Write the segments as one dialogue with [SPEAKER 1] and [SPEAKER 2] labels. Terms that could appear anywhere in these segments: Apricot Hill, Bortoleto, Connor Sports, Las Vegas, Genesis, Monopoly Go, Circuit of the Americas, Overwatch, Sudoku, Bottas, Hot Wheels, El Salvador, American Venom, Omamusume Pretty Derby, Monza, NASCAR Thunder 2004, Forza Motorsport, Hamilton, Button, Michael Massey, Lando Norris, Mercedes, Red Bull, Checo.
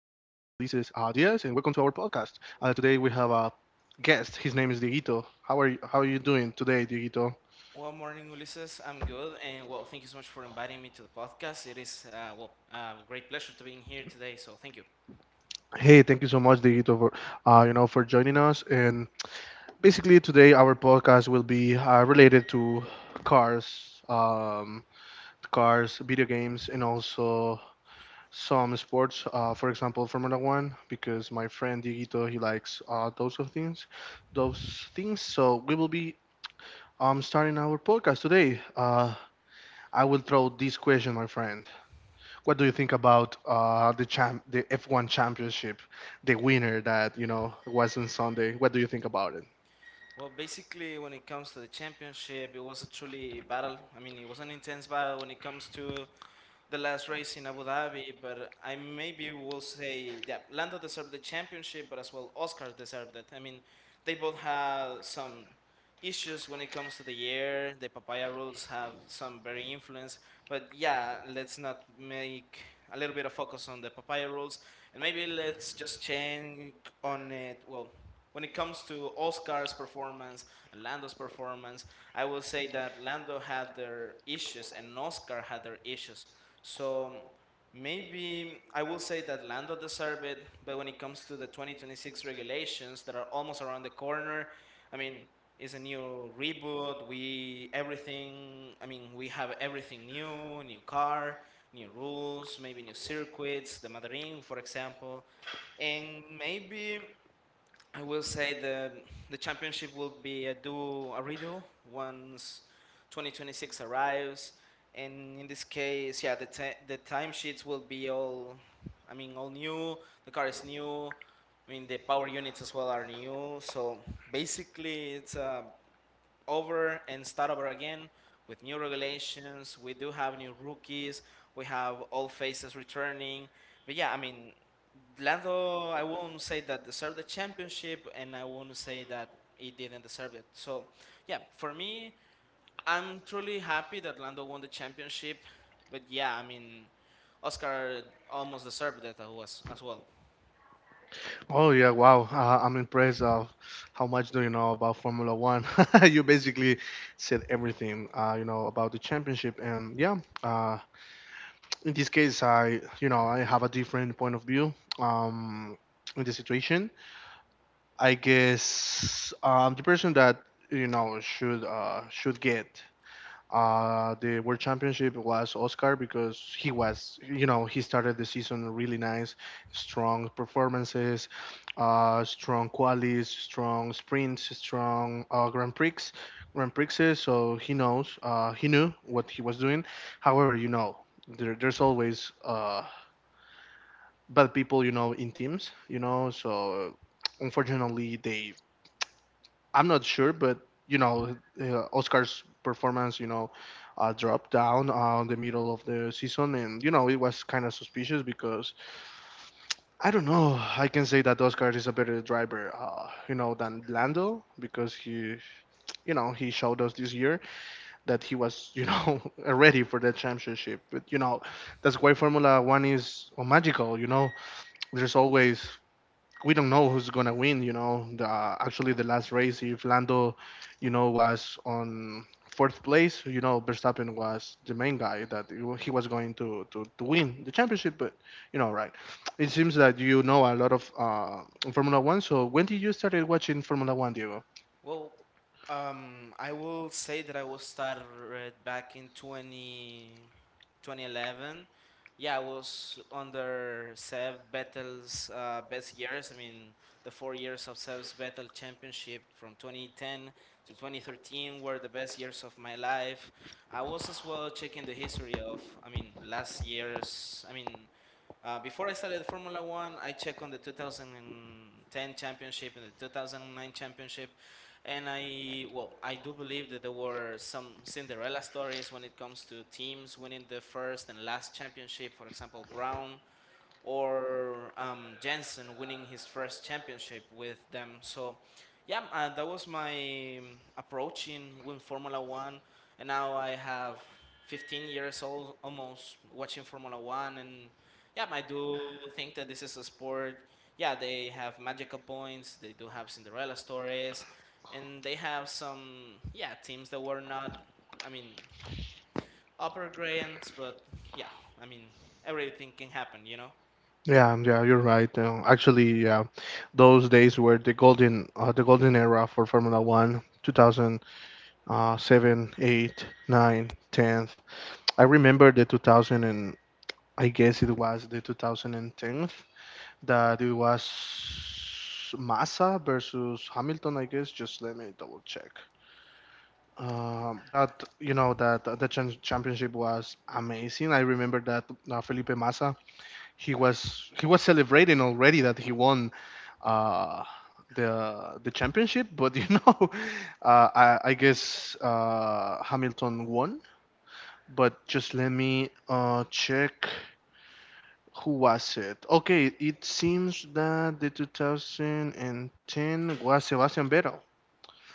[SPEAKER 1] Diaz, and welcome to our podcast. Today we have a guest. His name is Dieguito. How are you doing today, Dieguito?
[SPEAKER 2] Well, morning, Ulises. I'm good, and well, thank you so much for inviting me to the podcast. It is a great pleasure to being here today. So thank you.
[SPEAKER 1] Hey, thank you so much, Dieguito, for for joining us. And basically, today our podcast will be related to cars, cars, video games, and also some sports. For example, Formula One, because my friend Dieguito he likes those things. So we will be starting our podcast today, I will throw this question, my friend. What do you think about the F1 championship, the winner that was on Sunday? What do you think about it?
[SPEAKER 2] Well, basically, when it comes to the championship, it was a truly battle. I mean, it was an intense battle when it comes to the last race in Abu Dhabi, but I maybe will say that Lando deserved the championship, but as well Oscar deserved it. I mean, they both have some issues when it comes to the year. The papaya rules have some very influence, but yeah, let's not make a little bit of focus on the papaya rules, and maybe let's just change on it. Well, when it comes to Oscar's performance and Lando's performance, I will say that Lando had their issues and Oscar had their issues. So maybe I will say that Lando deserved it, but when it comes to the 2026 regulations that are almost around the corner, I mean, it's a new reboot. We everything. I mean, we have everything new: new car, new rules, maybe new circuits. The Madrid, for example, and maybe I will say the championship will be a do a redo once 2026 arrives, and in this case, yeah, the timesheets will be all, I mean, all new. The car is new. I mean, the power units as well are new. So basically, it's a over and start over again with new regulations. We do have new rookies. We have all faces returning. But yeah, I mean, Lando, I won't say that deserved the championship, and I won't say that he didn't deserve it. So yeah, for me, I'm truly happy that Lando won the championship. But yeah, I mean, Oscar almost deserved that as well.
[SPEAKER 1] Oh yeah, wow! I'm impressed of how much do you know about Formula One. You basically said everything about the championship, and yeah, uh, in this case, I you know I have a different point of view um, in the situation. I guess the person that should get the world championship was Oscar because he was he started the season really nice, strong performances, strong qualies, strong sprints, strong Grand Prix. Grand Prixes, so he knows, he knew what he was doing. However, you know, there's always bad people, you know, in teams, you know, so unfortunately they I'm not sure, but you know, Oscar's performance, you know, dropped down on the middle of the season, and you know, it was kind of suspicious because I don't know. I can say that Oscar is a better driver, you know, than Lando because you know, he showed us this year that he was, you know, ready for the championship. But you know, that's why Formula One is magical. You know, there's always we don't know who's gonna win. You know, the, actually the last race, if Lando, you know, was on fourth place, you know, Verstappen was the main guy that he was going to win the championship. But you know, right? It seems that you know a lot of Formula One. So when did you started watching Formula One, Diego?
[SPEAKER 2] Well, I will say that I was started back in 20 2011. Yeah, I was under Seb Bettel's best years. I mean, the 4 years of Seb's Bettel Championship from 2010 to 2013 were the best years of my life. I was as well checking the history of, I mean, last year's, I mean, before I started Formula One, I checked on the 2010 championship and the 2009 championship, and I, well, I do believe that there were some Cinderella stories when it comes to teams winning the first and last championship. For example, Brown or Jensen winning his first championship with them. So, yeah, that was my approach in Formula One, and now I have 15 years old almost watching Formula One, and yeah, I do think that this is a sport. Yeah, they have magical points. They do have Cinderella stories, and they have some yeah teams that were not, I mean, upper grades, but yeah, I mean everything can happen,
[SPEAKER 1] Yeah, yeah, you're right. Actually, yeah, those days were the golden era for Formula One. 2007, 8, 9, 10. I remember the 2000 and I guess it was the 2010 that it was Massa versus Hamilton. I guess just let me double check. That that the championship was amazing. I remember that Felipe Massa he was celebrating already that he won uh, the championship, but you know I guess Hamilton won. But just let me check. Who was it? Okay, it seems that the 2010 was Sebastian Vettel.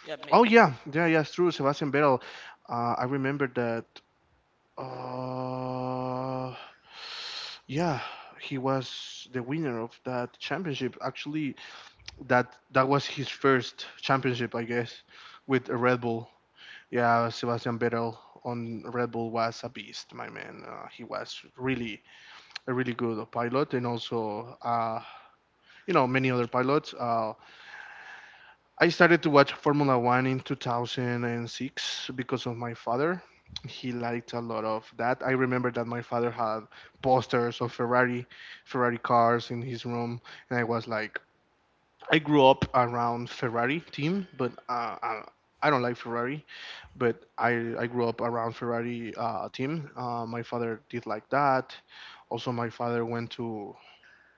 [SPEAKER 2] Yeah,
[SPEAKER 1] Oh yeah, yeah, yeah, it's true, Sebastian Vettel. I remember that. Uh, yeah, he was the winner of that championship. Actually, that was his first championship, I guess, with a Red Bull. Yeah, Sebastian Vettel on Red Bull was a beast, my man. He was really a really good pilot and also you know many other pilots. I started to watch Formula One in 2006 because of my father. He liked a lot of that. I remember that my father had posters of Ferrari cars in his room, and I was like, I grew up around Ferrari team, but I don't like Ferrari. But I grew up around Ferrari team. My father did like that. Also, my father went to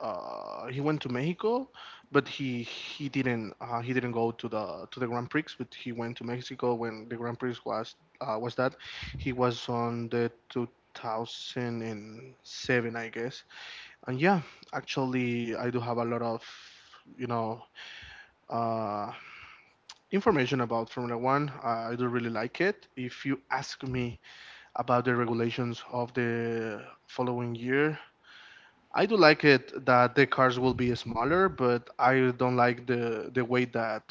[SPEAKER 1] Mexico, but he didn't go to the Grand Prix, but he went to Mexico when the Grand Prix was that he was on the 2007, I guess. And yeah, actually, I do have a lot of you know uh, information about Formula One. I do really like it. If you ask me about the regulations of the following year, I do like it that the cars will be smaller, but I don't like the way that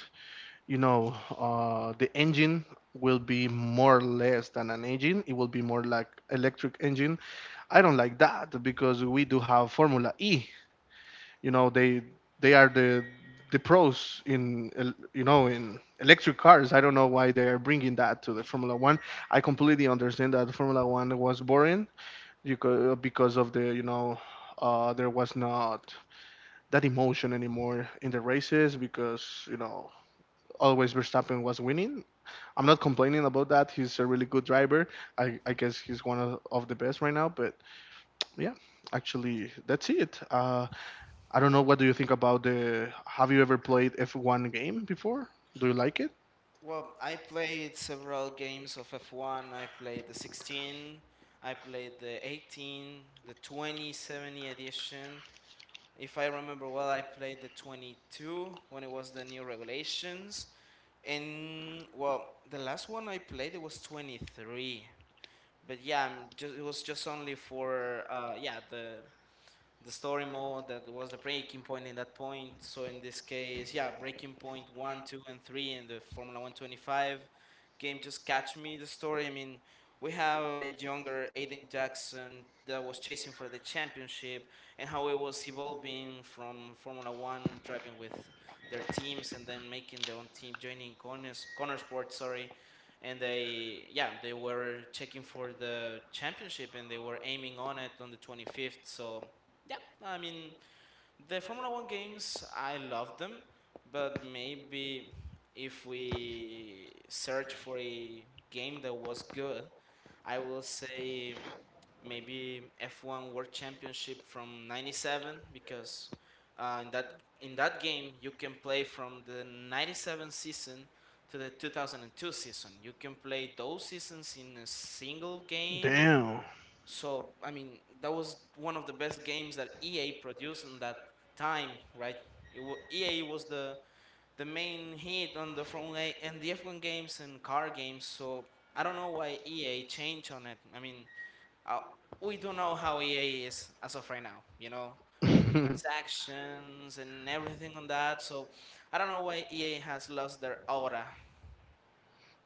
[SPEAKER 1] the engine will be more or less than an engine. It will be more like electric engine. I don't like that because we do have Formula E. You know they are the pros in electric cars. I don't know why they are bringing that to the Formula One. I completely understand that Formula One was boring because of the there was not that emotion anymore in the races because you know always Verstappen was winning. I'm not complaining about that. He's a really good driver. I guess he's one of the best right now. But yeah, actually that's it. I don't know. What do you think about the? Have you ever played F1 game before? Do you like it?
[SPEAKER 2] well, I played several games of F1. I played the 16, I played the 18, the 2070 edition. If I remember well, I played the 22 when it was the new regulations. And well, the last one I played it was 23. But yeah, I'm just, it was just only for yeah, the story mode that was the breaking point in that point. So in this case, yeah, breaking point one, two, and three in the Formula 125 game just catch me the story. I mean, we have a younger Aiden Jackson that was chasing for the championship and how it was evolving from Formula One driving with their teams and then making their own team, joining Connor Sports, sorry. And they, yeah, they were checking for the championship and they were aiming on it on the 25th. So yeah, I mean, the Formula One games, I love them, but maybe if we search for a game that was good, I will say maybe F1 World Championship from 97 because in that game you can play from the 97 season to the 2002 season. You can play those seasons in a single game
[SPEAKER 1] Damn.
[SPEAKER 2] so, I mean, that was one of the best games that EA produced in that time, right? It wa EA was the main hit on the front and the F1 games and car games. So I don't know why EA changed on it. I mean, uh, we don't know how EA is as of right now. You know, microtransactions and everything on that. So I don't know why EA has lost their aura,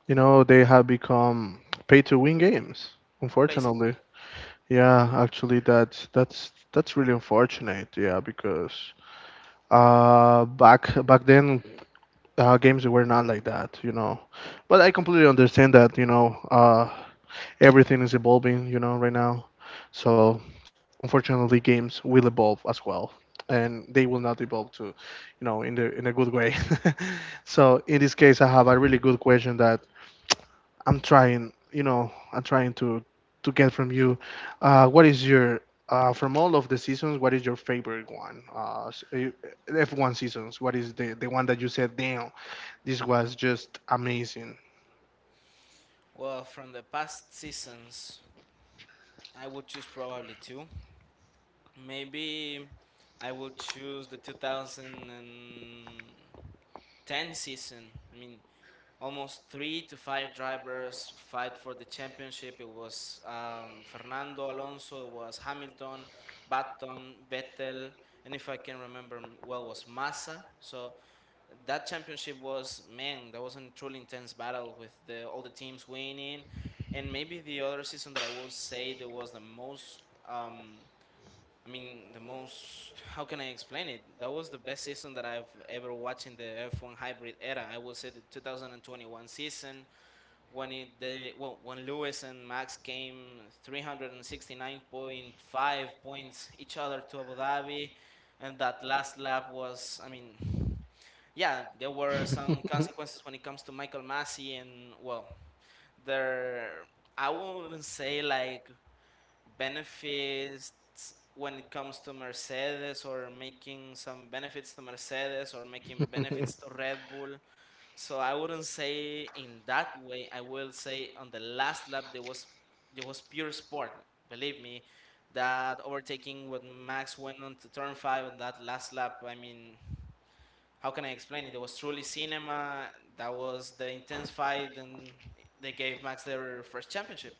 [SPEAKER 1] You know, they have become pay to win games,
[SPEAKER 2] basically.
[SPEAKER 1] unfortunately. Yeah, actually that's really unfortunate. Yeah, because back then games were not like that, you know. But I completely understand that, you know, everything is evolving, you know, right now. So, unfortunately games will evolve as well. And they will not evolve in the in a good way. So, in this case, I have a really good question that I'm trying, you know, I'm trying to get from you. What is your from all of the seasons? What is your favorite one? F1 seasons. What is the one that you said? Damn, this was just amazing.
[SPEAKER 2] Well, from the past seasons, I would choose probably two. Maybe I will choose the 2010 season. I mean, almost three to five drivers fight for the championship. It was Fernando Alonso, it was Hamilton, Button, Vettel, and if I can remember well, was Massa. So that championship was man, that was a truly intense battle with the all the teams winning, and maybe the other season that I will say that was the most. Um, I mean, the most, how can I explain it? That was the best season that I've ever watched in the F1 hybrid era. I would say the 2021 season when it they, well, when Lewis and Max came 369.5 points each other to Abu Dhabi and that last lap was, I mean, yeah, there were some consequences when it comes to Michael Massey and well, their I wouldn't say like benefits when it comes to Mercedes or making some benefits to Mercedes or making benefits to Red Bull. So I wouldn't say in that way. I will say on the last lap there was pure sport. Believe me, that overtaking when Max went on to turn five on that last lap. I mean, how can I explain it? It was truly cinema. That was the intense fight, and they gave Max their first championship.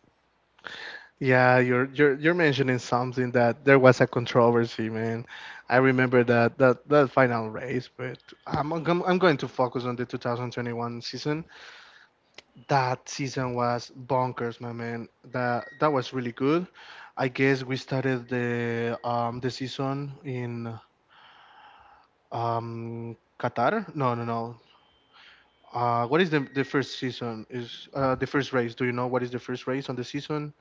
[SPEAKER 1] Yeah, you're mentioning something that there was a controversy, man. I remember that final race, but I'm going to focus on the 2021 season. That season was bonkers, my man. That was really good. I guess we started the season in Qatar. No, no, no. What is the first season? Is the first race? Do you know what is the first race on the season?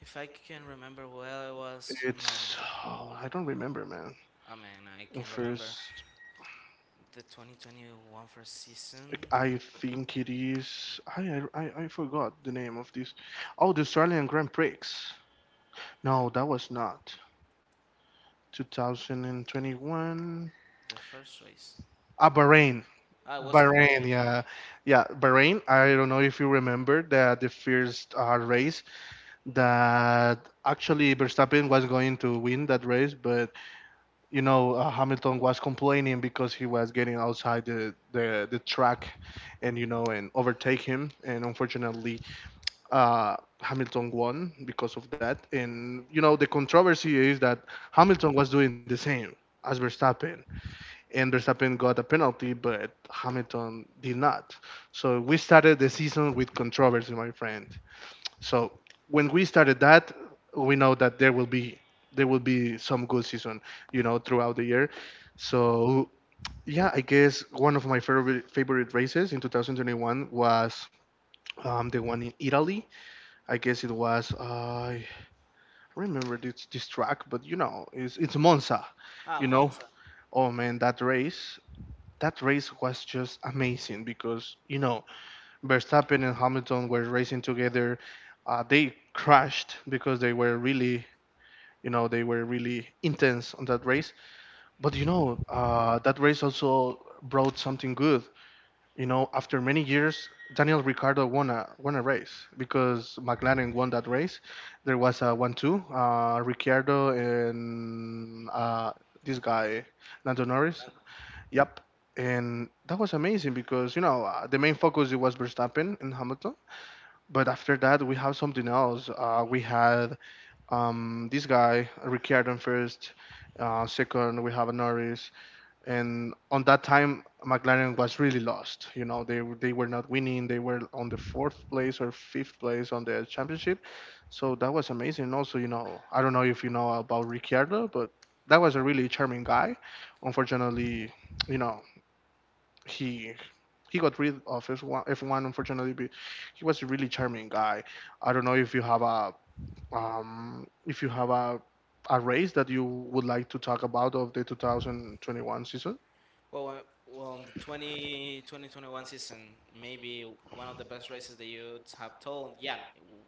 [SPEAKER 2] If I can remember well, it was no.
[SPEAKER 1] It's oh, I don't remember, man.
[SPEAKER 2] I mean, I
[SPEAKER 1] At
[SPEAKER 2] can remember
[SPEAKER 1] first,
[SPEAKER 2] the 2021 first season,
[SPEAKER 1] like, I think it is. I forgot the name of this. Oh, the Australian Grand Prix. No, that was not 2021.
[SPEAKER 2] the first race.
[SPEAKER 1] Ah, Bahrain.
[SPEAKER 2] Ah, it was in
[SPEAKER 1] Bahrain,
[SPEAKER 2] Bahrain.
[SPEAKER 1] yeah, yeah, Bahrain. I don't know if you remember that the first race that actually Verstappen was going to win that race, but you know, Hamilton was complaining because he was getting outside the track and, you know, and overtake him. And unfortunately, Hamilton won because of that. And, you know, the controversy is that Hamilton was doing the same as Verstappen. And Verstappen got a penalty, but Hamilton did not. So we started the season with controversy, my friend. So when we started that, we know that there will be some good season, you know, throughout the year. So yeah, I guess one of my favorite races in 2021 was the one in Italy. I guess it was I remember this track, but you know, it's Monza,
[SPEAKER 2] Ah,
[SPEAKER 1] you know.
[SPEAKER 2] Monza.
[SPEAKER 1] Oh man, that race. That race was just amazing because, you know, Verstappen and Hamilton were racing together. They crashed because they were really, you know, they were really intense on that race. But you know, that race also brought something good. You know, after many years, Daniel Ricciardo won a race because McLaren won that race. There was a 1-2, Ricciardo and this guy Lando Norris. Yep, and that was amazing because you know the main focus it was Verstappen and Hamilton but after that, we have something else. We had this guy, Ricciardo, first. Second, we have a Norris. And on that time, McLaren was really lost. You know, they were not winning. They were on the fourth place or fifth place on the championship. So that was amazing. Also, you know, I don't know if you know about Ricciardo, but that was a really charming guy. Unfortunately, you know, he he got rid of F1 unfortunately but he was a really charming guy. I don't know if you have a um, if you have a race that you would like to talk about of the 2021 season.
[SPEAKER 2] Well, uh, well, in the 2021 season, maybe one of the best races that you have told. Yeah,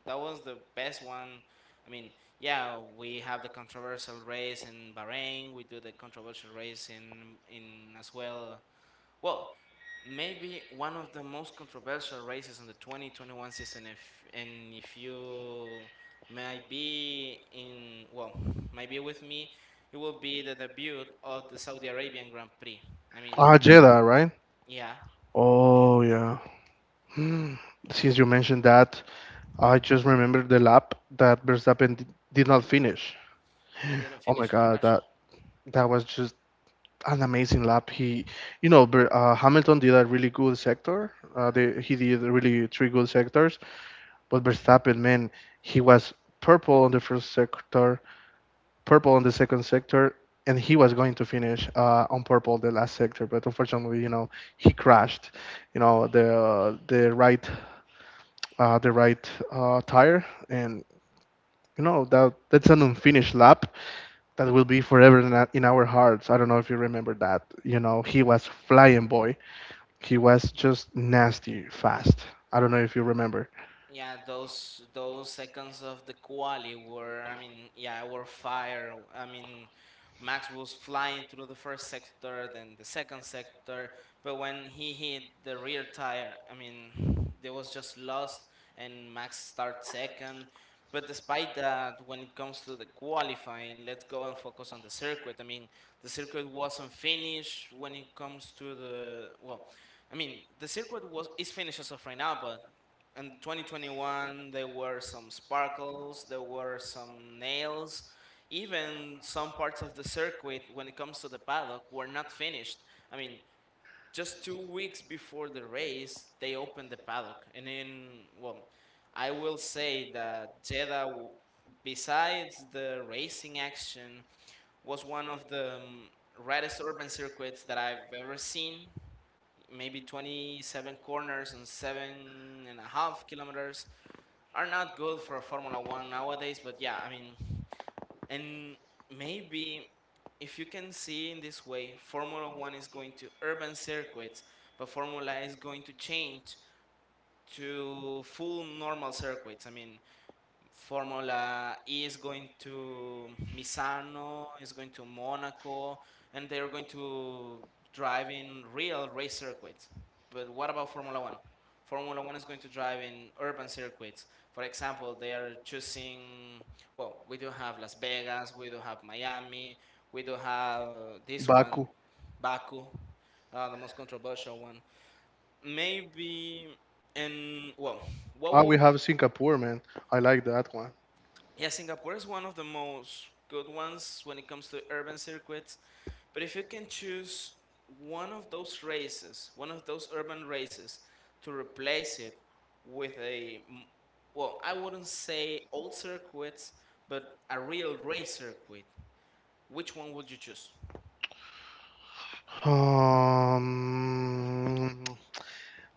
[SPEAKER 2] that was the best one. I mean, yeah, we have the controversial race in Bahrain. We do the controversial race in as well. Well, maybe one of the most controversial races on the 2021 season, if you might be in, well, might be with me, it will be the debut of the Saudi Arabian Grand Prix. I mean,
[SPEAKER 1] Ah, Jeddah, right?
[SPEAKER 2] yeah,
[SPEAKER 1] Oh yeah. Hmm. Since you mentioned that I just remembered the lap that Verstappen did not finish.
[SPEAKER 2] they didn't
[SPEAKER 1] Oh my
[SPEAKER 2] finish it,
[SPEAKER 1] god,
[SPEAKER 2] crashed.
[SPEAKER 1] that that was just an amazing lap. He, you know, Ber- Hamilton did a really good sector. He did really three good sectors. But Verstappen, man, he was purple on the first sector, purple on the second sector, and he was going to finish on purple the last sector. But unfortunately, he crashed. You know, the uh, the right the right tire, and you know that's an unfinished lap that will be forever in our hearts. I don't know if you remember that. He was flying boy. He was just nasty fast. I don't know if you remember.
[SPEAKER 2] Yeah, those seconds of the quali were, I mean, yeah, were fire. I mean, Max was flying through the first sector, then the second sector, but when he hit the rear tire, I mean, they was just lost, and Max start second. But despite that, when it comes to the qualifying, let's go and focus on the circuit. I mean, the circuit wasn't finished when it comes to the well. I mean, the circuit was is finished as of right now, but in 2021 there were some sparkles there were some nails even some parts of the circuit when it comes to the paddock were not finished. I mean, just 2 weeks before the race they opened the paddock, and then well, I will say that Jeddah, besides the racing action, was one of the reddest urban circuits that I've ever seen. Maybe 27 corners and 7.5 kilometers are not good for Formula One nowadays. But yeah, I mean, and maybe if you can see in this way, Formula One is going to urban circuits, but Formula is going to change to full normal circuits. I mean, Formula E is going to Misano, is going to Monaco, and they're going to drive in real race circuits. But what about Formula One? Formula One is going to drive in urban circuits. For example, they are choosing, well, we do have Las Vegas, we do have Miami, we do have this one,
[SPEAKER 1] Baku.
[SPEAKER 2] Baku, the most controversial one. Maybe, and well, what
[SPEAKER 1] Ah, we
[SPEAKER 2] would
[SPEAKER 1] have Singapore, man. I like that one.
[SPEAKER 2] yeah, Singapore is one of the most good ones when it comes to urban circuits. But if you can choose one of those races, one of those urban races, to replace it with a, well, I wouldn't say old circuits, but a real race circuit, which one would you choose?
[SPEAKER 1] Um,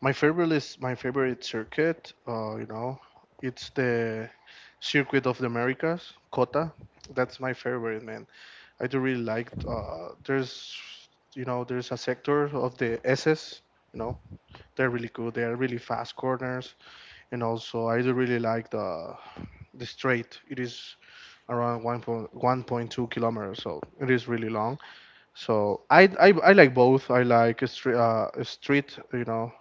[SPEAKER 1] my favorite circuit. It's the Circuit of the Americas, COTA. That's my favorite, man. I do really like. There's a sector of the SS. You know, they're really good. They are really fast corners, and also I do really like the straight. It is around 1.1.2 kilometers, so it is really long. So I like both. I like street a street you know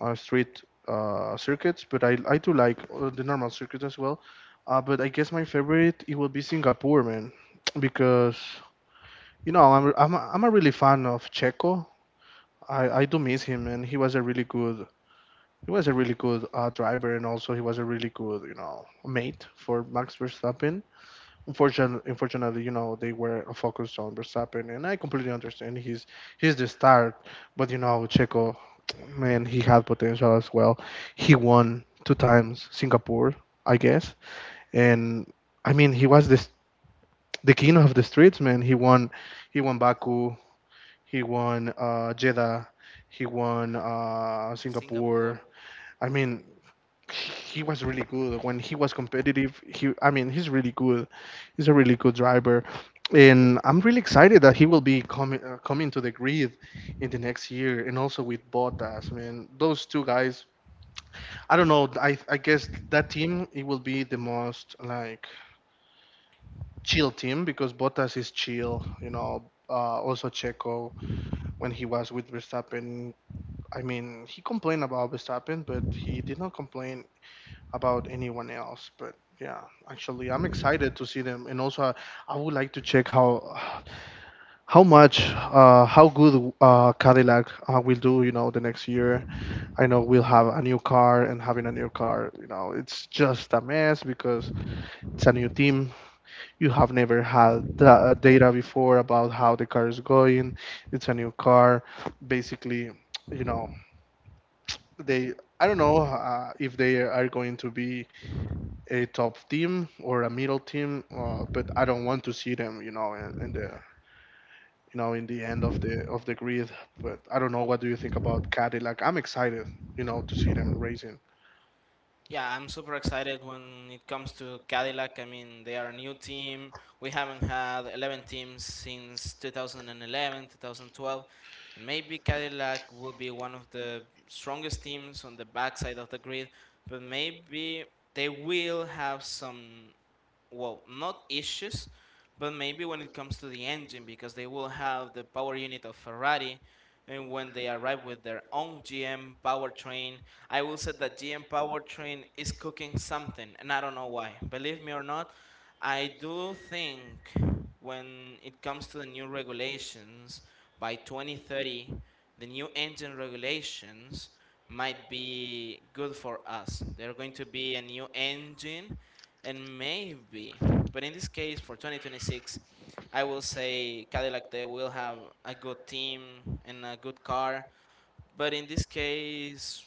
[SPEAKER 1] street circuits, but I do like the normal circuits as well. But I guess my favorite it will be Singapore, man, because I'm a really fan of Checo. I do miss him, and he was a really good. He was a really good driver, and also he was a really good, mate for Max Verstappen. Unfortunately, they were focused on Verstappen, and I completely understand. He's the star, but Checo, man, he had potential as well. He won two times Singapore, I guess, and I mean, he was the king of the streets, man. He won Baku, he won Jeddah, he won
[SPEAKER 2] In Singapore.
[SPEAKER 1] Singapore. I mean, he was really good when he was competitive. He, I mean, he's really good. He's a really good driver, and I'm really excited that he will be coming to the grid in the next year, and also with Bottas. I mean, those two guys. I don't know. I guess that team it will be the most like chill team because Bottas is chill. Also Checo when he was with Verstappen. I mean, he complained about Verstappen, but he did not complain about anyone else. But yeah, actually, I'm excited to see them, and also I would like to check how good Cadillac will do. The next year. I know we'll have a new car, and having a new car, it's just a mess because it's a new team. You have never had the data before about how the car is going. It's a new car. Basically, you know, they. I don't know if they are going to be a top team or a middle team, but I don't want to see them, in the end of the grid. But I don't know. What do you think about Cadillac? I'm excited, to see them racing.
[SPEAKER 2] Yeah, I'm super excited when it comes to Cadillac. I mean, they are a new team. We haven't had 11 teams since 2011, 2012, and maybe Cadillac will be one of the strongest teams on the backside of the grid, but maybe they will have some well, not issues, but maybe when it comes to the engine, because they will have the power unit of Ferrari, and when they arrive with their own GM powertrain, I will say that GM powertrain is cooking something, and I don't know why. Believe me or not, I do think when it comes to the new regulations by 2030, the new engine regulations might be good for us. They're going to be a new engine, and maybe, but in this case, for 2026, I will say Cadillac, they will have a good team and a good car. But in this case,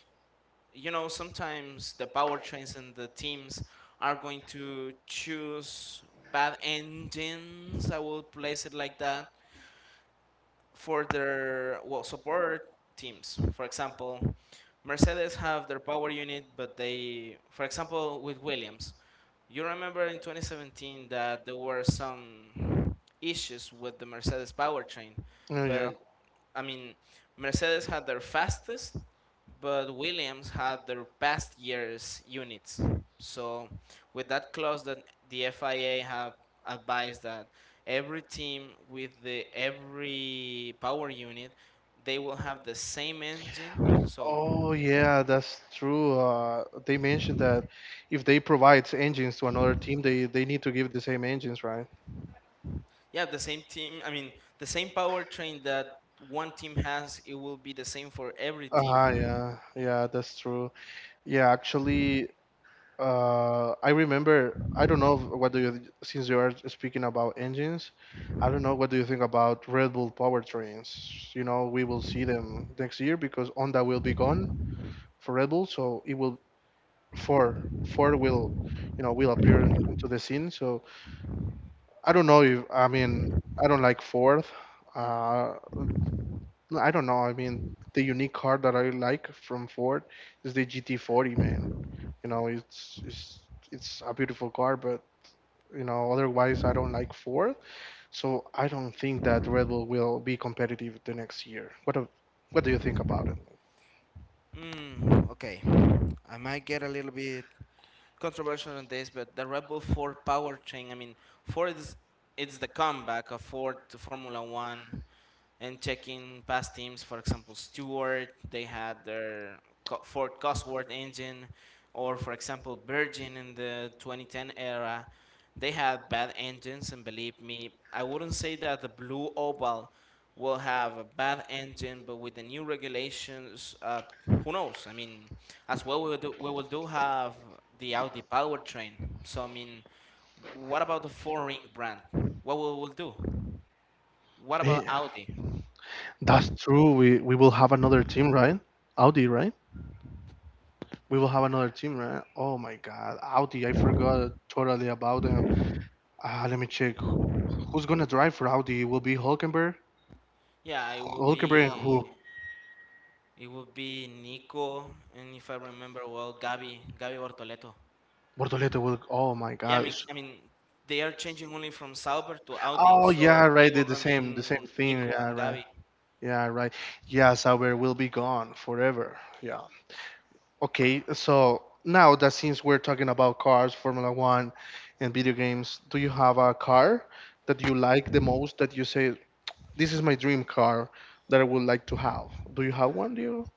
[SPEAKER 2] sometimes the powertrains and the teams are going to choose bad engines. I will place it like that for their support teams. For example, Mercedes have their power unit, but they, for example, with Williams, you remember in 2017 that there were some issues with the Mercedes powertrain,
[SPEAKER 1] Oh, yeah.
[SPEAKER 2] but I mean, Mercedes had their fastest, but Williams had their past year's units. So, with that clause that the FIA have advised that every team with the every power unit, they will have the same engine. So,
[SPEAKER 1] Oh yeah, that's true. They mentioned that if they provide engines to another team, they need to give the same engines, right?
[SPEAKER 2] yeah, the same team. I mean, the same powertrain that one team has, it will be the same for every
[SPEAKER 1] Ah,
[SPEAKER 2] team.
[SPEAKER 1] yeah, yeah, that's true. Yeah, actually, I remember. I don't know what do you since you are speaking about engines. I don't know what do you think about Red Bull powertrains. We will see them next year because Honda will be gone for Red Bull, so it will Ford Ford will, you know, will appear into the scene. So I don't know if I mean I don't like Ford. Uh, I don't know. I mean, the unique car that I like from Ford is the GT40, man. You know, it's it's it's a beautiful car, but otherwise I don't like Ford. So I don't think that Red Bull will be competitive the next year. What do you think about it?
[SPEAKER 2] Mm, okay, I might get a little bit controversial on this, but the Red Bull 4 powertrain, I mean, 4 is it's the comeback of Ford to Formula 1, and checking past teams, for example, Stewart, they had their Ford Cosworth engine, or for example, Virgin in the 2010 era, they had bad engines. And believe me, I wouldn't say that the Blue Oval will have a bad engine, but with the new regulations, who knows? I mean, as well, we will do have the Audi powertrain. So I mean, what about the four-ring brand? What will we do? What about
[SPEAKER 1] Eh,
[SPEAKER 2] Audi?
[SPEAKER 1] that's true. We will have another team, right? Audi, right? We will have another team, right? Oh my God, Audi! I forgot totally about them. Let me check. Who's gonna drive for Audi? Will be Hulkenberg.
[SPEAKER 2] Yeah, it would
[SPEAKER 1] Hulkenberg and who?
[SPEAKER 2] be it would be Nico, and if I remember well, Gabi Bortoleto.
[SPEAKER 1] Bortoleto will. Oh my
[SPEAKER 2] Yeah, I
[SPEAKER 1] God.
[SPEAKER 2] mean they are changing only from Sauber to Audi,
[SPEAKER 1] Oh yeah,
[SPEAKER 2] so they
[SPEAKER 1] right.
[SPEAKER 2] will
[SPEAKER 1] Did the same
[SPEAKER 2] remain
[SPEAKER 1] thing.
[SPEAKER 2] Nico
[SPEAKER 1] Yeah,
[SPEAKER 2] and
[SPEAKER 1] right.
[SPEAKER 2] Gabi.
[SPEAKER 1] Yeah, right. Yeah, Sauber will be gone forever. Yeah. Okay, so now that since we're talking about cars, Formula One, and video games, do you have a car that you like the most that you say, this is my dream car that I would like to have? Do you have one, do you?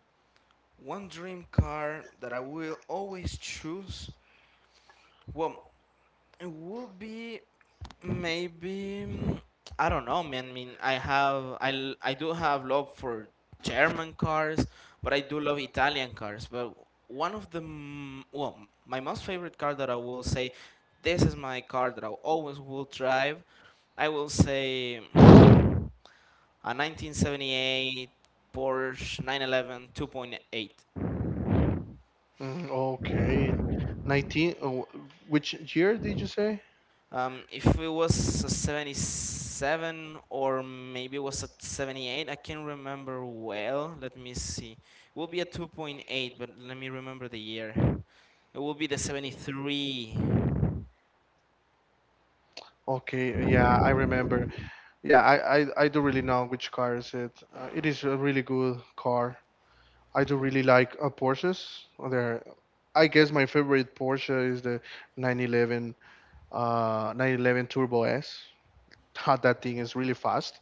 [SPEAKER 2] One dream car that I will always choose. Well, it would be maybe I don't know, man. I mean, I do have love for German cars, but I do love Italian cars. But one of the m- well, my most favorite car that I will say, this is my car that I always will drive. I will say a 1978 Porsche 911 2.8.
[SPEAKER 1] Mm, okay. 19, oh, which year did you say?
[SPEAKER 2] If it was a 77, or maybe it was a 78, I can't remember well. Let me see. It will be a 2.8, but let me remember the year. It will be the 73.
[SPEAKER 1] Okay, yeah, I remember. Yeah, I don't really know which car is it. It is a really good car. I do really like Porsches. They're, I guess my favorite Porsche is the 911 911 Turbo S. That thing is really fast.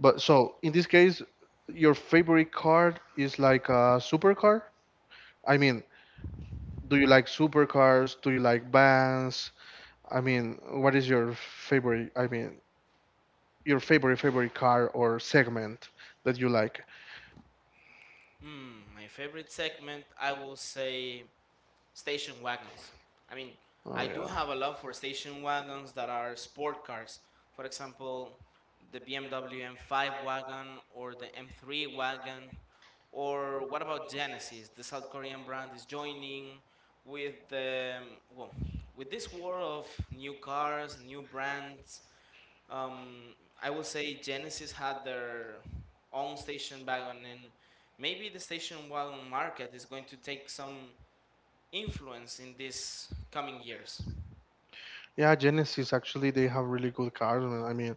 [SPEAKER 1] But so in this case, your favorite car is like a supercar? I mean, do you like supercars? Do you like vans? I mean, what is your favorite? I mean, your favorite favorite car or segment that you like?
[SPEAKER 2] My favorite segment, I will say station wagons. I mean,
[SPEAKER 1] Oh
[SPEAKER 2] I do
[SPEAKER 1] yeah.
[SPEAKER 2] have a love for station wagons that are sport cars. For example, the BMW M5 wagon or the M3 wagon. Or what about Genesis? The South Korean brand is joining with this war of new cars, new brands. Um, I would say Genesis had their own station wagon, and maybe the station wagon market is going to take some influence in these coming years.
[SPEAKER 1] Yeah, Genesis actually they have really good cars, man. I mean,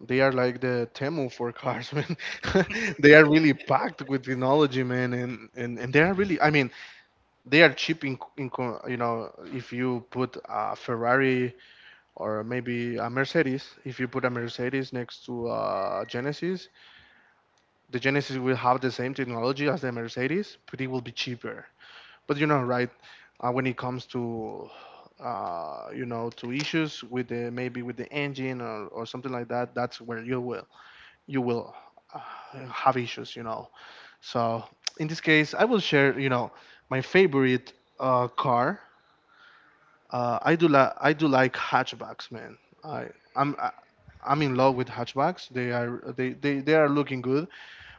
[SPEAKER 1] they are like the Temu for cars, man. They are really packed with technology, man, and they are really, I mean, they are cheap in co- you know, if you put a Ferrari or maybe a Mercedes, if you put a Mercedes next to a Genesis, the Genesis will have the same technology as the Mercedes, but it will be cheaper. But you know, right? When it comes to to issues with the maybe with the engine or something like that, that's where you will have issues. You know. So in this case, I will share my favorite car. I do like hatchbacks, man. I I'm I, I'm in love with hatchbacks. They are looking good.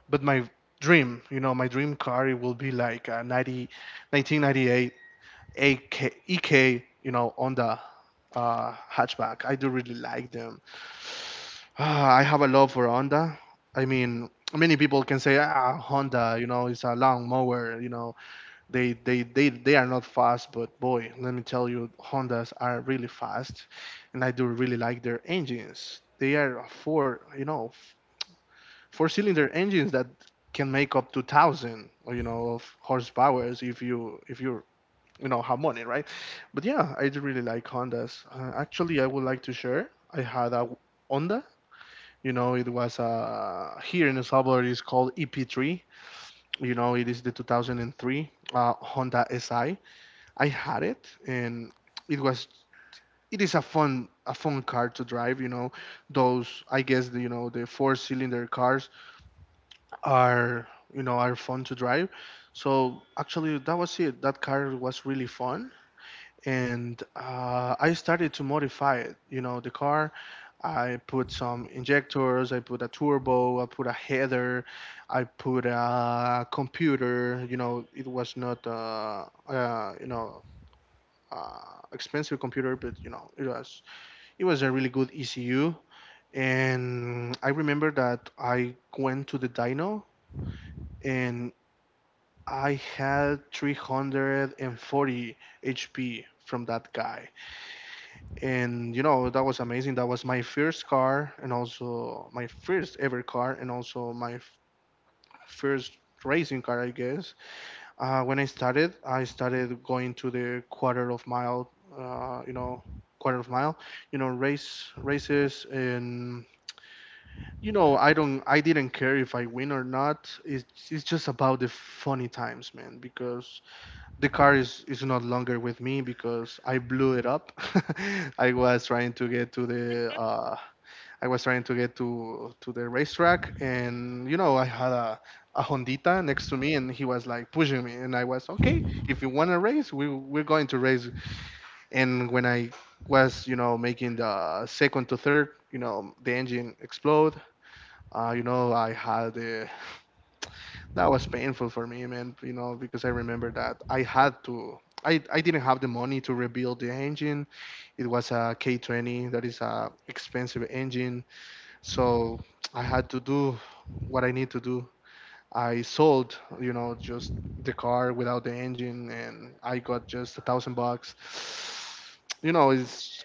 [SPEAKER 1] But my dream car it will be like a 90, 1998 AK, EK, on the hatchback. I do really like them. Ah, I have a love for Honda. I mean, many people can say, Honda, you know, it's a long mower. They are not fast, but boy, let me tell you, Hondas are really fast, and I do really like their engines. They are four cylinder engines that can make up to 1,000, of horsepowers if you you know have money, right? But yeah, I do really like Hondas. Actually I would like to share. I had a Honda. It was here in El Salvador. It's called EP3. It is the 2003 Honda Si. I had it, and it was it is a fun car to drive. Those I guess the, you know the four-cylinder cars are are fun to drive. So actually, that was it. That car was really fun. And I started to modify it. The car, I put some injectors, I put a turbo, I put a header, I put a computer. It was not, expensive computer, but it was a really good ECU. And I remember that I went to the dyno and I had 340 HP from that guy. And that was amazing. That was my first car, and also my first ever car, and also my first racing car, I guess. When I started going to the quarter of mile uh, you know quarter of mile races. And I didn't care if I win or not. It's just about the funny times, man, because the car is not longer with me, because I blew it up. I was trying to get to the I was trying to get to the racetrack, and I had a Hondita next to me, and he was like pushing me, and I was okay. If you want to race, we're going to race. And when I was making the second to third, the engine explode. You know I had the That was painful for me, man, because I remember that I didn't have the money to rebuild the engine. It was a K20, that is a expensive engine, so I had to do what I need to do. I sold, just the car without the engine, and I got just 1,000 bucks. It's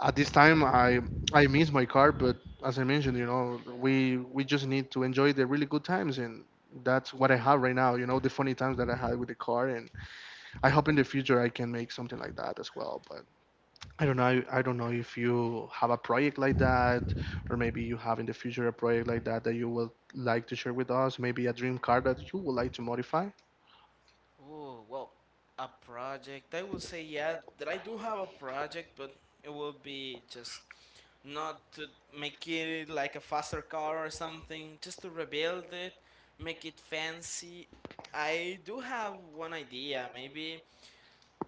[SPEAKER 1] at this time I miss my car, but as I mentioned, we just need to enjoy the really good times, and that's what I have right now. The funny times that I had with the car, and I hope in the future I can make something like that as well. I don't know. I don't know if you have a project like that, or maybe you have in the future a project like that that you would like to share with us. Maybe a dream car that you would like to modify.
[SPEAKER 2] Oh well, a project. I would say, yeah, that I do have a project, but it will be just not to make it like a faster car or something, just to rebuild it, make it fancy. I do have one idea. Maybe,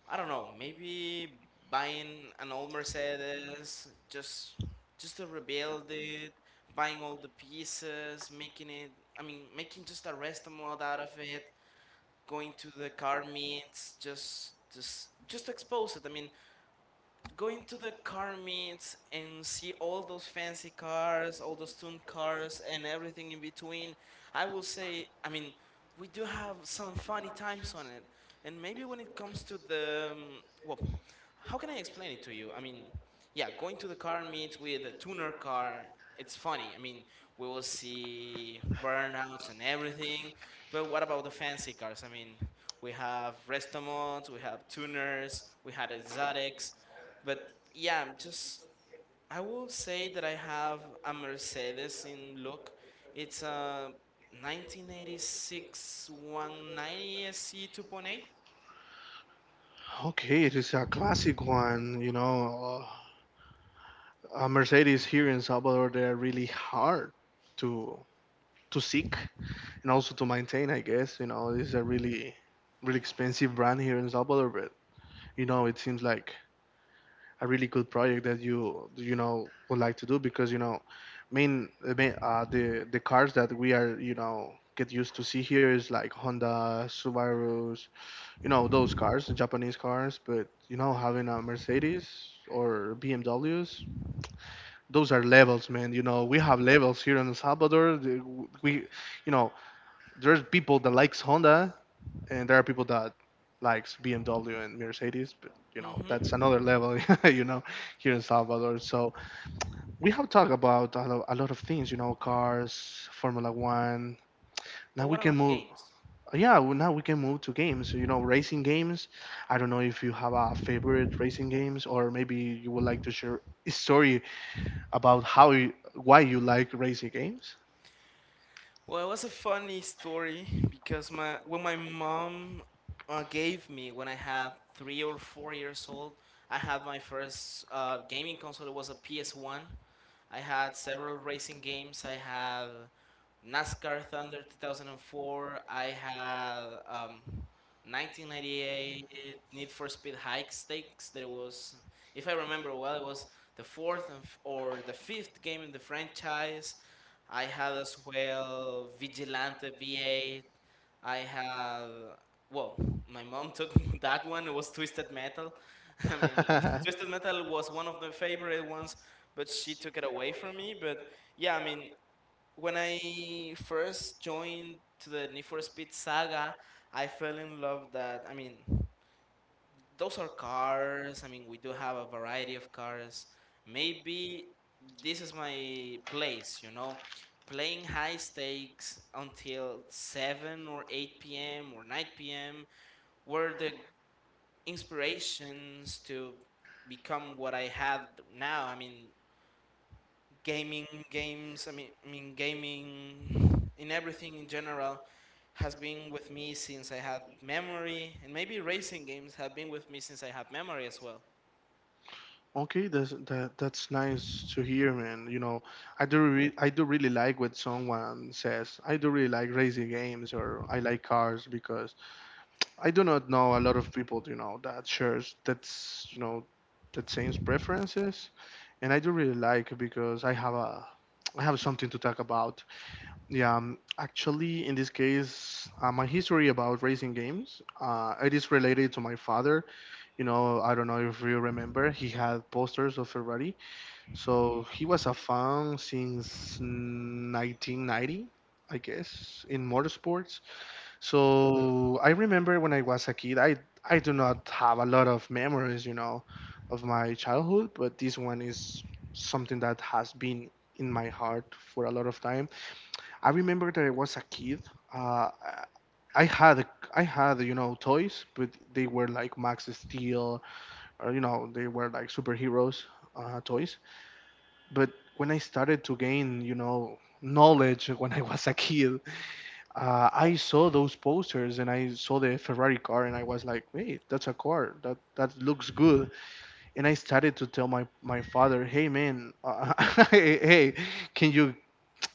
[SPEAKER 2] I don't know, maybe buying an old Mercedes, just to rebuild it, buying all the pieces, making it, I mean, making just a resto mod out of it, going to the car meets, just to expose it. I mean, going to the car meets and see all those fancy cars, all those tuned cars, and everything in between, I will say, I mean, we do have some funny times on it. And maybe when it comes to well, how can I explain it to you? I mean, yeah, going to the car meets with a tuner car, it's funny. I mean, we will see burnouts and everything. But what about the fancy cars? I mean, we have Restamons, we have tuners, we had exotics. But yeah, I will say that I have a Mercedes in look. It's a 1986 190 SC 2.8.
[SPEAKER 1] Okay, it is a classic one. A Mercedes here in Salvador, they're really hard to to seek and also to maintain. I guess it's a really really expensive brand here in Salvador, but it seems like a really good project that you know would like to do because main the main the cars that we are get used to see here is like Honda, Subarus, those cars, the Japanese cars. But having a Mercedes or BMWs, those are levels, man. You know we have levels here in El Salvador. We, you know, there's people that likes Honda and there are people that likes BMW and Mercedes, but that's
[SPEAKER 2] Mm-hmm.
[SPEAKER 1] another level, you know, here in Salvador. So we have talked about a lot of things, cars, Formula One. Now
[SPEAKER 2] But
[SPEAKER 1] we
[SPEAKER 2] what
[SPEAKER 1] can
[SPEAKER 2] about
[SPEAKER 1] move.
[SPEAKER 2] games?
[SPEAKER 1] Yeah, well, now we can move to games. Racing games. I don't know if you have a favorite racing games, or maybe you would like to share a story about why you like racing games.
[SPEAKER 2] Well, it was a funny story because my when my mom gave me, when I had 3 or 4 years old, I had my first gaming console. It was a PS One. I had several racing games. I had NASCAR Thunder 2004. I had 1998 Need for Speed High Stakes. That it was, if I remember well, it was the fourth and or the fifth game in the franchise. I had as well Vigilante V8. I had Well, my mom took that one. It was Twisted Metal. I mean, Twisted Metal was one of the favorite ones, but she took it away from me. But yeah, I mean, when I first joined to the Need for Speed saga, I fell in love, that, I mean, those are cars. I mean, we do have a variety of cars. Maybe this is my place, playing high stakes until 7 or 8 p.m. or 9 p.m. were the inspirations to become what I had now. I mean, gaming, games, I mean, gaming in everything in general has been with me since I had memory, and maybe racing games have been with me since I had memory as well.
[SPEAKER 1] Okay, that's nice to hear, man. I do really like what someone says. I do really like racing games or I like cars because I do not know a lot of people, that shares that same preferences. And I do really like because I have something to talk about. Yeah, actually, in this case, my history about racing games, it is related to my father. I don't know if you remember, he had posters of Ferrari, so he was a fan since 1990, I guess, in motorsports. So I remember when I was a kid, I do not have a lot of memories, of my childhood, but this one is something that has been in my heart for a lot of time. I remember that I was a kid. Uh, I had toys, but they were like Max Steel, or they were like superheroes toys. But when I started to gain, knowledge, when I was a kid, I saw those posters and I saw the Ferrari car and I was like, wait, that's a car. That looks good. And I started to tell my father, hey man, hey, hey, can you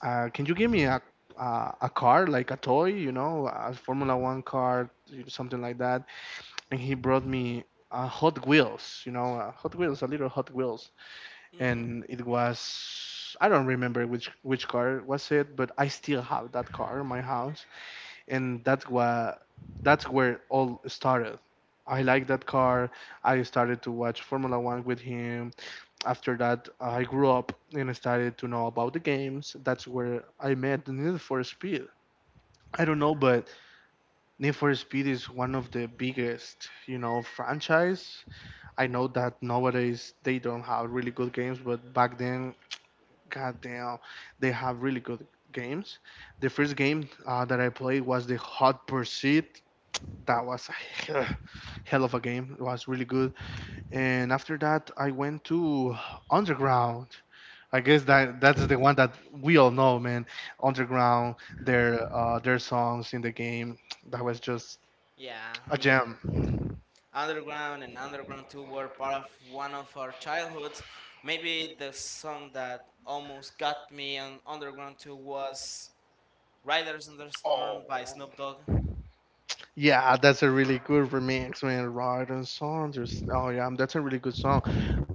[SPEAKER 1] can you give me a car like a toy, a Formula One car, something like that. And he brought me Hot Wheels, Hot Wheels, a little Hot Wheels,
[SPEAKER 2] Hmm,
[SPEAKER 1] and it was, I don't remember which car was it, but I still have that car in my house, and that's where it all started. I like that car. I started to watch Formula One with him. After that, I grew up and I started to know about the games. That's where I met the Need for Speed. I don't know, but Need for Speed is one of the biggest, franchise. I know that nowadays they don't have really good games, but back then, goddamn, they have really good games. The first game that I played was the Hot Pursuit. That was a hell of a game. It was really good. And after that, I went to Underground. I guess that that's the one that we all know, man. Underground, their songs in the game. That was just
[SPEAKER 2] yeah, I
[SPEAKER 1] a
[SPEAKER 2] mean,
[SPEAKER 1] gem.
[SPEAKER 2] Underground and Underground 2 were part of one of our childhoods. Maybe the song that almost got me on Underground 2 was Riders in the Storm
[SPEAKER 1] Oh.
[SPEAKER 2] by Snoop Dogg.
[SPEAKER 1] Yeah, that's a really good remix, man. Right on song. Oh yeah, that's a really good song.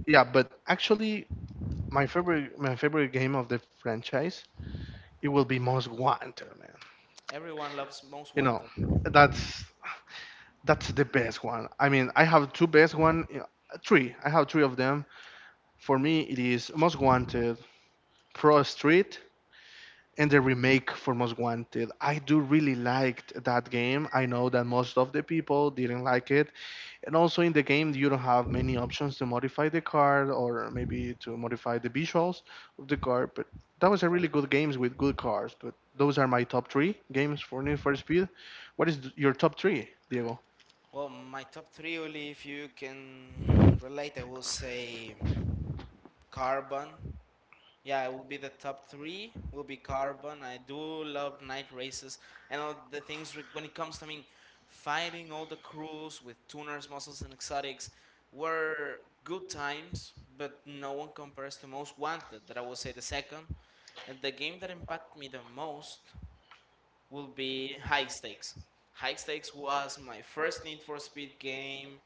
[SPEAKER 1] Yeah, but actually, my favorite game of the franchise it will be Most Wanted, man.
[SPEAKER 2] Everyone loves Most
[SPEAKER 1] You know,
[SPEAKER 2] Wanted.
[SPEAKER 1] that's that's the best one. I mean, I have two best one, yeah, three. I have three of them. For me, it is Most Wanted, Pro Street, and the remake for Most Wanted. I do really liked that game. I know that most of the people didn't like it, and also in the game, you don't have many options to modify the card or maybe to modify the visuals of the card. But that was a really good games with good cards. But those are my top three games for Need for Speed. What is your top three, Diego?
[SPEAKER 2] Well, my top three, really, if you can relate, I will say Carbon. Yeah, it will be the top three. Will be Carbon. I do love night races and all the things, when it comes to, I mean, fighting all the crews with tuners, muscles, and exotics were good times, but no one compares to Most Wanted. That I will say the second, and the game that impacted me the most will be High Stakes. High Stakes was my first Need for Speed game.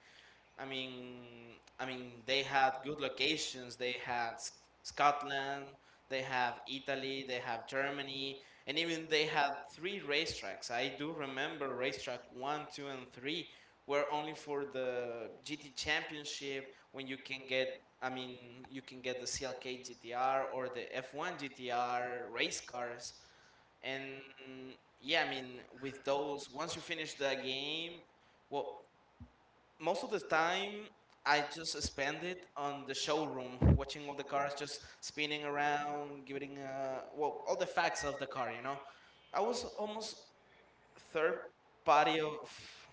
[SPEAKER 2] I mean, they had good locations. They had Scotland, they have Italy, they have Germany, and even they had three racetracks. I do remember racetrack one, two, and three were only for the GT Championship when you can get. I mean, you can get the CLK GTR or the F1 GTR race cars. And mm, yeah, I mean, with those, once you finish the game, well, most of the time I just spend it on the showroom, watching all the cars just spinning around, giving well, all the facts of the car. You know, I was almost third party of,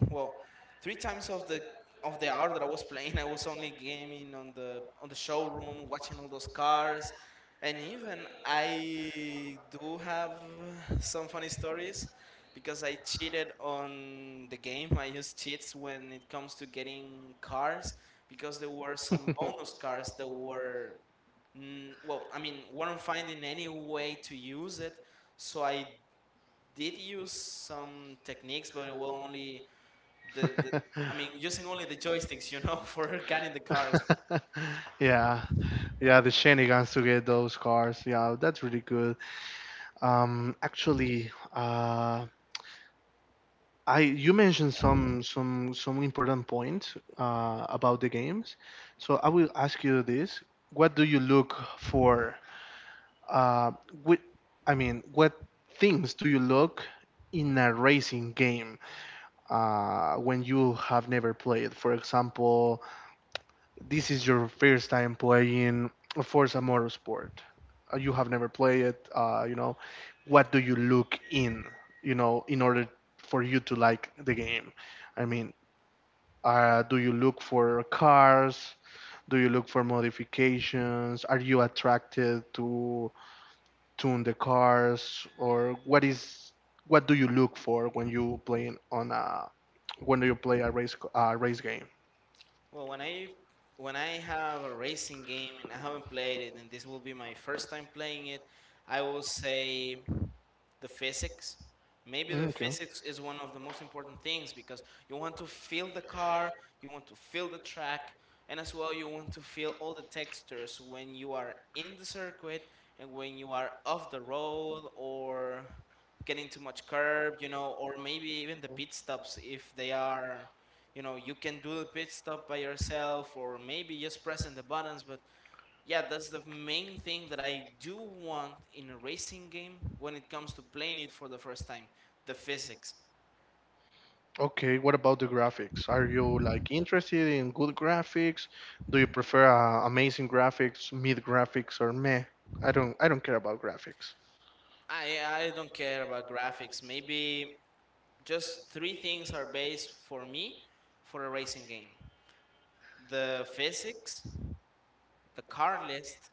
[SPEAKER 2] well, three times of the hour that I was playing, I was only gaming on the showroom, watching all those cars, and even I do have some funny stories because I cheated on the game. I use cheats when it comes to getting cars because there were some bonus cars that were well, I mean, weren't finding any way to use it, so I did use some techniques, but it was only the, I mean using only the joysticks, for getting the cars.
[SPEAKER 1] Yeah, yeah, the shenanigans to get those cars. Yeah, that's really good. Actually, I you mentioned some important points about the games, so I will ask you this: what do you look for? Uh, with, I mean, what things do you look in a racing game when you have never played? For example, this is your first time playing Forza Motorsport. You have never played it. What do you look in? In order for you to like the game. I mean, do you look for cars? Do you look for modifications? Are you attracted to tune the cars, or what do you look for when you playing on a when you play a race game?
[SPEAKER 2] Well, when I have a racing game and I haven't played it, and this will be my first time playing it, I will say the physics. Maybe
[SPEAKER 1] Mm,
[SPEAKER 2] the
[SPEAKER 1] okay.
[SPEAKER 2] physics is one of the most important things because you want to feel the car, you want to feel the track, and as well you want to feel all the textures when you are in the circuit and when you are off the road or getting too much curb, or maybe even the pit stops if they are, you can do the pit stop by yourself or maybe just pressing the buttons, but yeah, that's the main thing that I do want in a racing game when it comes to playing it for the first time. The physics.
[SPEAKER 1] Okay, what about the graphics? Are you like interested in good graphics? Do you prefer amazing graphics, mid graphics, or meh? I don't care about graphics.
[SPEAKER 2] I don't care about graphics. Maybe just three things are base for me for a racing game. The physics, the car list,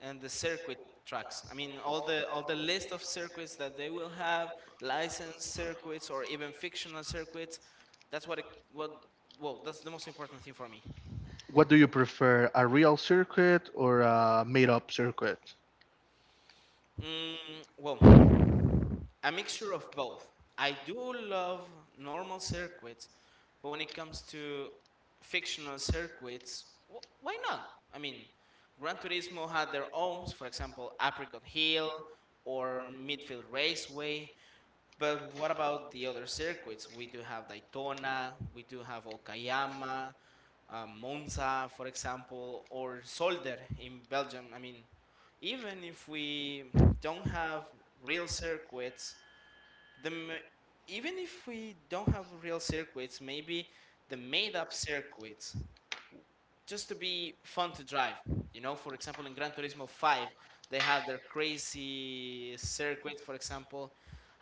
[SPEAKER 2] and the circuit tracks. I mean, all the list of circuits that they will have, licensed circuits or even fictional circuits. That's what it, what that's the most important thing for me.
[SPEAKER 1] What do you prefer, a real circuit or a made-up circuit?
[SPEAKER 2] Mm, well, a mixture of both. I do love normal circuits, but when it comes to fictional circuits, why not? I mean, Gran Turismo had their own, for example, Apricot Hill or Midfield Raceway. But what about the other circuits? We do have Daytona, we do have Okayama, Monza, for example, or Solder in Belgium. I mean, even if we don't have real circuits, the m- even if we don't have real circuits, maybe the made up circuits just to be fun to drive. You know, for example, in Gran Turismo 5, they have their crazy circuits. For example,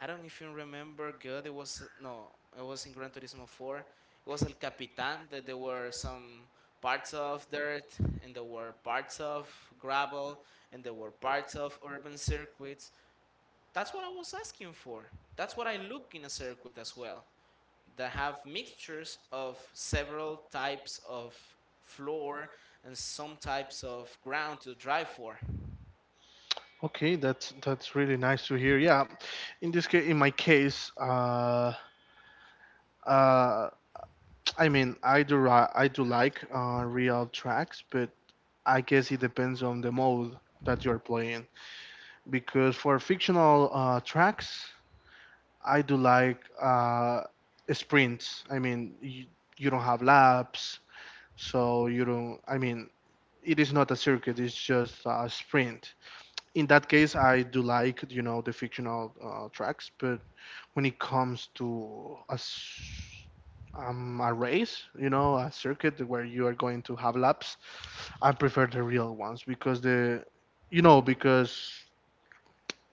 [SPEAKER 2] I don't know if you remember good. It was no, it was in Gran Turismo 4. It was El Capitan that there were some parts of dirt and there were parts of gravel and there were parts of urban circuits. That's what I was asking for. That's what I look in a circuit as well, that have mixtures of several types of floor and some types of ground to drive for.
[SPEAKER 1] Okay, that's really nice to hear. Yeah, in my case, uh, I mean, I do like real tracks, but I guess it depends on the mode that you're playing. Because for fictional tracks, I do like sprints. I mean, you don't have laps, so you don't. I mean, it is not a circuit. It's just a sprint in that case. I do like the fictional tracks, but when it comes to a race, a circuit where you are going to have laps, I prefer the real ones because the you know because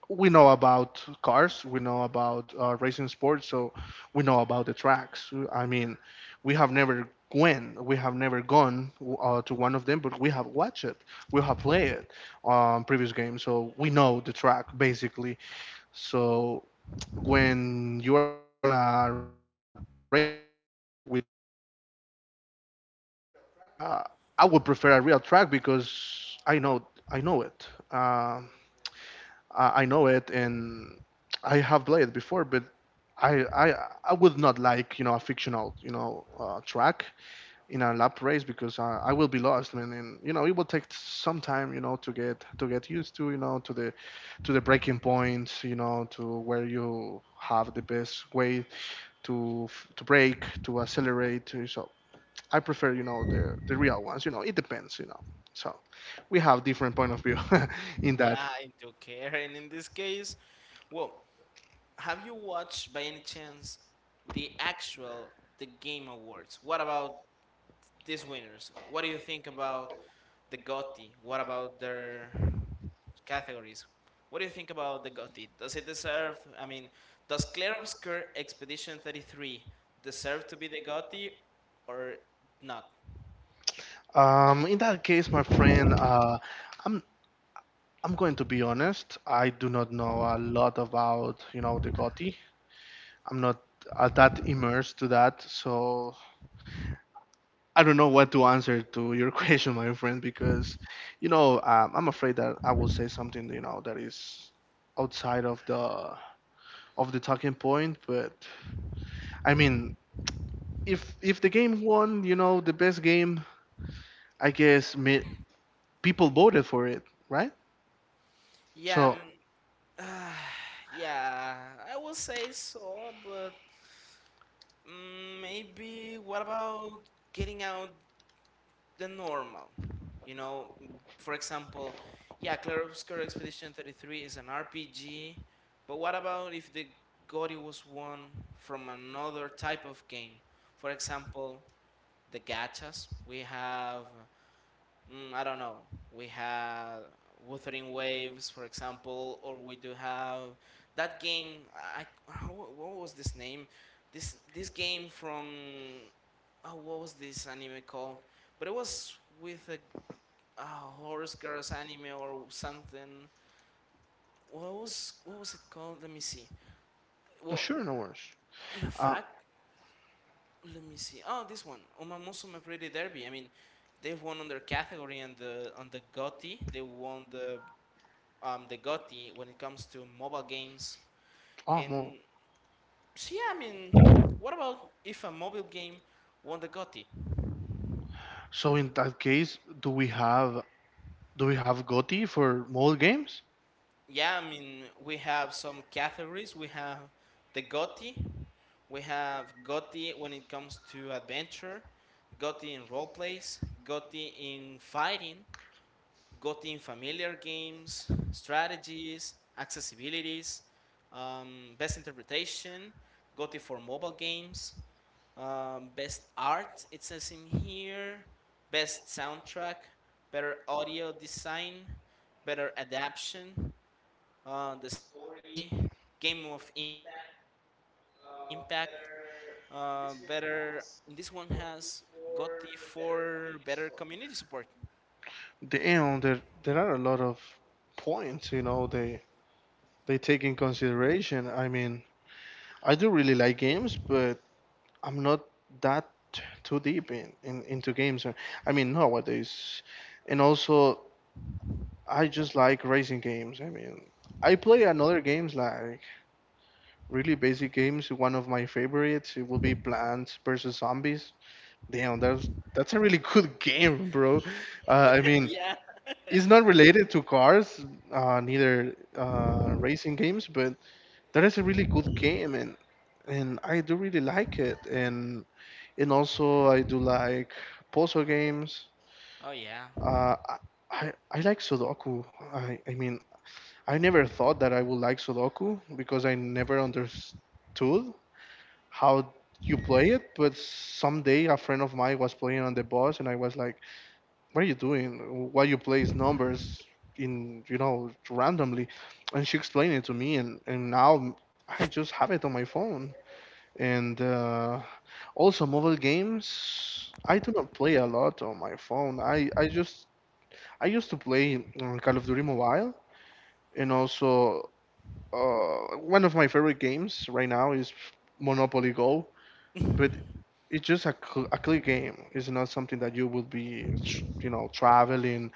[SPEAKER 1] we know about cars, we know about racing sports, so we know about the tracks. I mean, we have never we have never gone to one of them, but we have watched it, we have played it on previous games, so we know the track basically. So when you are on a racing, with laps, uh, I would prefer a real track because I know it. I know it, and I have played before, but I I I would not like a fictional track in a lap race, because I will be lost, man, and it will take some time to get used to to the breaking points, to where you have the best way to brake, to accelerate, so I prefer the real ones. It depends, so we have different point of view. in
[SPEAKER 2] Yeah,
[SPEAKER 1] that
[SPEAKER 2] I do care. And in this case, well, have you watched by any chance the actual the Game Awards? What about these winners? What do you think about the GOTY? What about their categories? What do you think about the GOTY? Does it deserve? I mean, does Claire Obscure Expedition 33 deserve to be the GOTY or not?
[SPEAKER 1] in that case, my friend, I'm I'm going to be honest. I do not know a lot about, the GOTY. I'm not that immersed to that, so I don't know what to answer to your question, my friend, because, I'm afraid that I will say something, that is outside of the talking point. But I mean, if the game won, the best game, I guess me, people voted for it, right?
[SPEAKER 2] Yeah,
[SPEAKER 1] So
[SPEAKER 2] uh, yeah, I will say so, but maybe what about getting out the normal. You know, for example, yeah, Clarobscur Expedition 33 is an RPG, but what about if the Gori was won from another type of game? For example, the gachas. We have I don't know. We had Wuthering Waves, for example, or we do have that game. What was this name? This game from oh, what was this anime called? But it was with a horse girls anime or something. What was it called? Let me see. Well,
[SPEAKER 1] sure, no worries.
[SPEAKER 2] in
[SPEAKER 1] Uh,
[SPEAKER 2] fact, let me see. Oh, this one, Omamusume Pretty Derby. I mean, they've won on their category and the GOTY. They won the GOTY when it comes to mobile games.
[SPEAKER 1] oh,
[SPEAKER 2] And
[SPEAKER 1] no.
[SPEAKER 2] so, yeah, I mean, what about if a mobile game won the GOTY?
[SPEAKER 1] So in that case, do we have Gotti for mobile games?
[SPEAKER 2] Yeah, I mean, we have some categories. We have the GOTY, we have GOTY when it comes to adventure, GOTY in role plays, GOTY in fighting, gotten familiar games, strategies, accessibilities, best interpretation, gotten for mobile games, best art, it says in here, best soundtrack, better audio design, better adaptation, the story, game of impact, better. And this one has got for better community support.
[SPEAKER 1] Damn, there are a lot of points, they take in consideration. I mean, I do really like games, but I'm not that too deep in into games. I mean nowadays. And also I just like racing games. I mean I play another games like really basic games. One of my favorites it will be Plants vs Zombies. Damn, that's a really good game, bro. Uh, I mean,
[SPEAKER 2] Yeah.
[SPEAKER 1] it's not related to cars, neither racing games, but that is a really good game, and I do really like it, and also I do like puzzle games.
[SPEAKER 2] Oh yeah.
[SPEAKER 1] Uh, I I like Sudoku. I mean, I never thought that I would like Sudoku because I never understood how you play it, but someday a friend of mine was playing on the bus, and I was like, "What are you doing? Why you place numbers in randomly?" And she explained it to me, and now I just have it on my phone. And also mobile games, I do not play a lot on my phone. I used to play Call of Duty Mobile, and also one of my favorite games right now is Monopoly Go, but it's just a, a click game. It's not something that you would be, traveling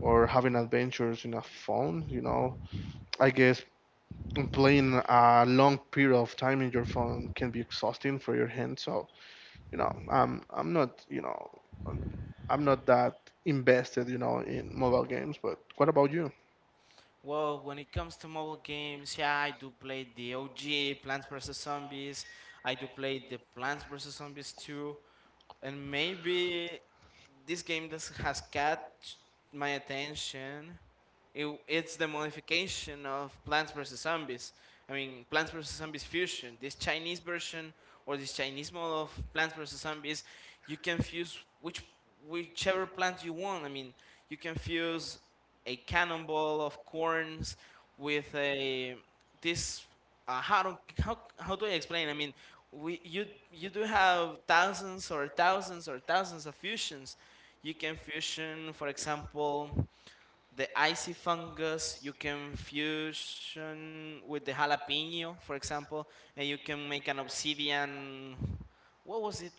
[SPEAKER 1] or having adventures in a phone, you know. I guess playing a long period of time in your phone can be exhausting for your hands. So, I'm not, I'm I'm not that invested, in mobile games. But what about you?
[SPEAKER 2] Well, when it comes to mobile games, yeah, I do play the OG Plants vs Zombies. I do play the Plants vs Zombies 2, and maybe this game that has catch my attention. It's the modification of Plants vs Zombies. I mean, Plants vs Zombies Fusion. This Chinese version or this Chinese model of Plants vs Zombies, you can fuse whichever plant you want. I mean, you can fuse a cannonball of corns with a this how do I explain? I mean, we you you do have thousands or thousands or thousands of fusions. You can fusion, for example, the icy fungus. You can fusion with the jalapeno, for example, and you can make an obsidian. What was it?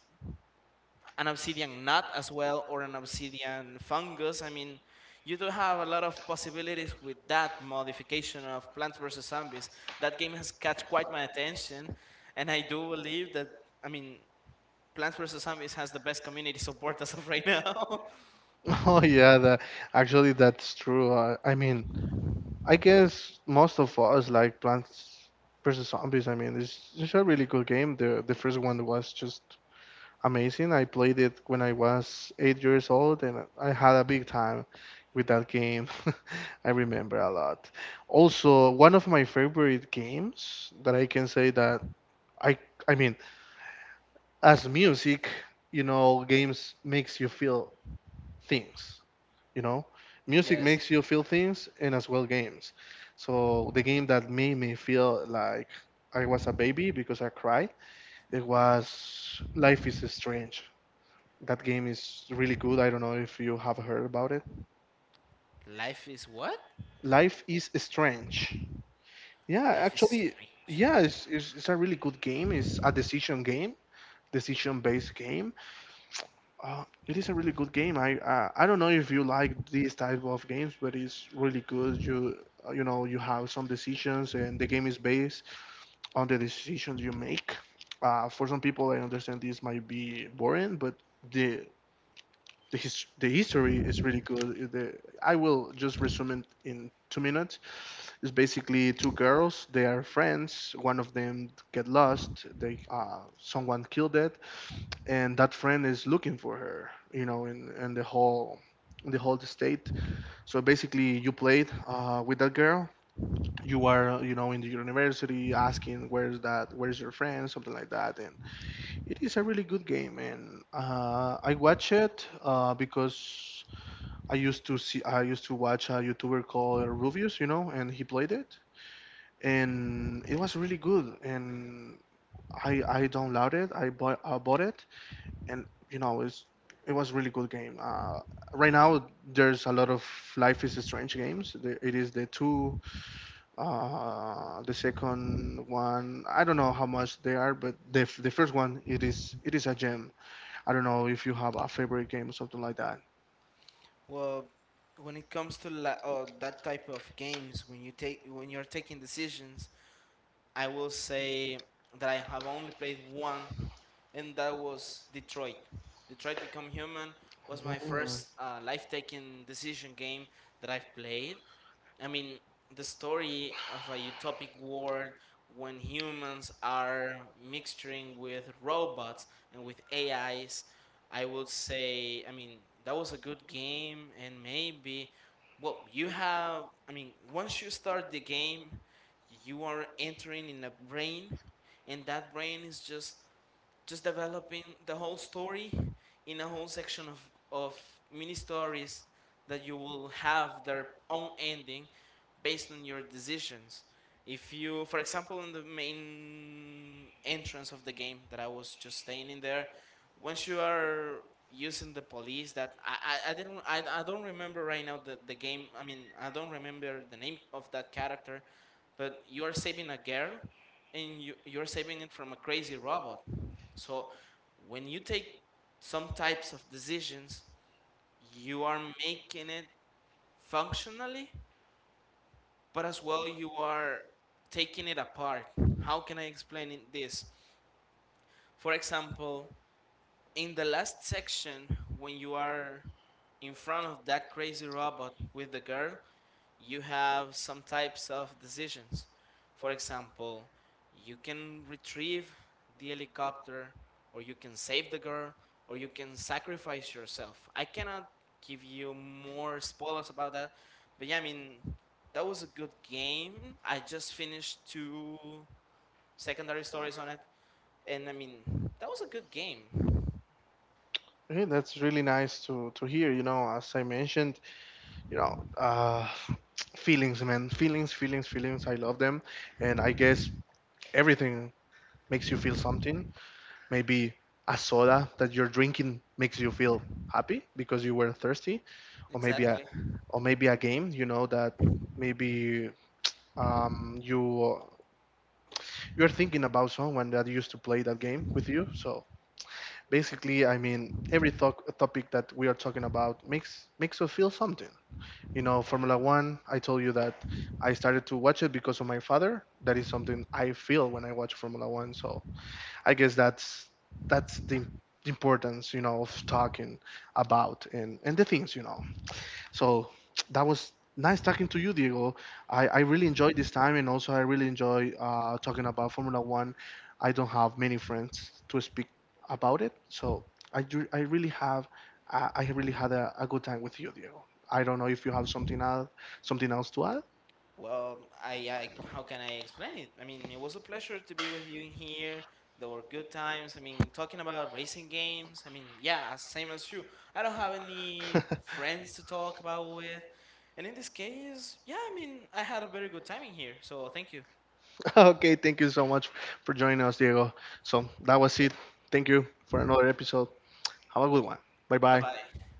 [SPEAKER 2] An obsidian nut as well or an obsidian fungus. I mean, you do have a lot of possibilities with that modification of Plants vs Zombies. That game has catch quite my attention, and I do believe that I mean Plants vs Zombies has the best community support as of right now.
[SPEAKER 1] Oh yeah, that actually that's true. I guess most of us like Plants vs Zombies. I mean, it's a really good game. The first one was just amazing. I played it when I was 8 years old, and I had a big time with that game. I remember a lot. Also, one of my favorite games that I can say that I I mean, as music, you know, games makes you feel things, you know. Music
[SPEAKER 2] Yes,
[SPEAKER 1] makes you feel things and as well games. So the game that made me feel like I was a baby because I cried, it was Life is Strange. That game is really good. I don't know if you have heard about it.
[SPEAKER 2] life is what?
[SPEAKER 1] Life is Strange. Yeah,
[SPEAKER 2] Life is
[SPEAKER 1] actually,
[SPEAKER 2] strange.
[SPEAKER 1] yeah, it's a really good game. It's a decision game, decision-based game. It is a really good game. I don't know if you like these type of games, but it's really good. You have some decisions, and the game is based on the decisions you make. For some people, I understand this might be boring, but the the history is really good. I will just resume it in 2 minutes. It's basically two girls. They are friends. One of them get lost. They Someone killed it, and that friend is looking for her. You know, in and the whole state. So basically, you played with that girl. You are, in the university asking where's that, where's your friend, something like that. And it is a really good game, and I watch it because I used to watch a YouTuber called Rubius, you know, and he played it, and it was really good. And I downloaded, I bought it, and you know it was really good game. Right now there's a lot of Life is Strange games. It is the two, the second one. I don't know how much they are, but the first one it is a gem. I don't know if you have a favorite game or something like that.
[SPEAKER 2] Well, when it comes to that type of games, when you take when you're taking decisions, I will say that I have only played one, and that was Detroit. Detroit Become Human was my
[SPEAKER 1] Mhm.
[SPEAKER 2] first life-taking decision game that I've played. I mean, the story of a utopic world when humans are mixing with robots and with AIs, I would say, I mean, that was a good game, and maybe well, you have, I mean, once you start the game, you are entering in a brain, and that brain is just developing the whole story in a whole section of mini stories that you will have their own ending based on your decisions. If you, for example, in the main entrance of the game that I was just staying in there, once you are using the police, that I didn't I don't remember right now the game. I mean I don't remember the name of that character, but you are saving a girl and you're saving it from a crazy robot. So when you take some types of decisions, you are making it functionally, but as well you are taking it apart. How can I explain it this? For example, in the last section when you are in front of that crazy robot with the girl, you have some types of decisions. For example, you can retrieve the helicopter, or you can save the girl, or you can sacrifice yourself. I cannot give you more spoilers about that, but yeah, I mean, that was a good game. I just finished two secondary stories on it, and I mean, that was a good game.
[SPEAKER 1] Hey, that's really nice to hear. You know, as I mentioned, you know, feelings, man, feelings, feelings, feelings. I love them, and I guess everything makes you feel something. Maybe a soda that you're drinking makes you feel happy because you were thirsty, or maybe a
[SPEAKER 2] Exactly.
[SPEAKER 1] or maybe a game. You know that maybe um, you you're thinking about someone that used to play that game with you, so basically every talk, topic that we are talking about makes us feel something, you know. Formula One, I told you that I started to watch it because of my father. That is something I feel when I watch Formula One, so I guess that's the importance, you know, of talking about and the things, you know. So that was nice talking to you, Diego. I really enjoyed this time, and also I really enjoy talking about Formula One. I don't have many friends to speak about it, so I, ju- I really have I really had a good time with you, Diego. I don't know if you have something else to add.
[SPEAKER 2] Well, I how can I explain it? I mean, it was a pleasure to be with you in here. There were good times. I mean, talking about racing games. I mean, yeah, same as you. I don't have any friends to talk about with. And in this case, yeah, I mean, I had a very good time in here. So thank you.
[SPEAKER 1] Okay, thank you so much for joining us, Diego. So that was it. Thank you for another episode. Have a good one. Bye
[SPEAKER 2] Bye
[SPEAKER 1] bye.
[SPEAKER 2] bye.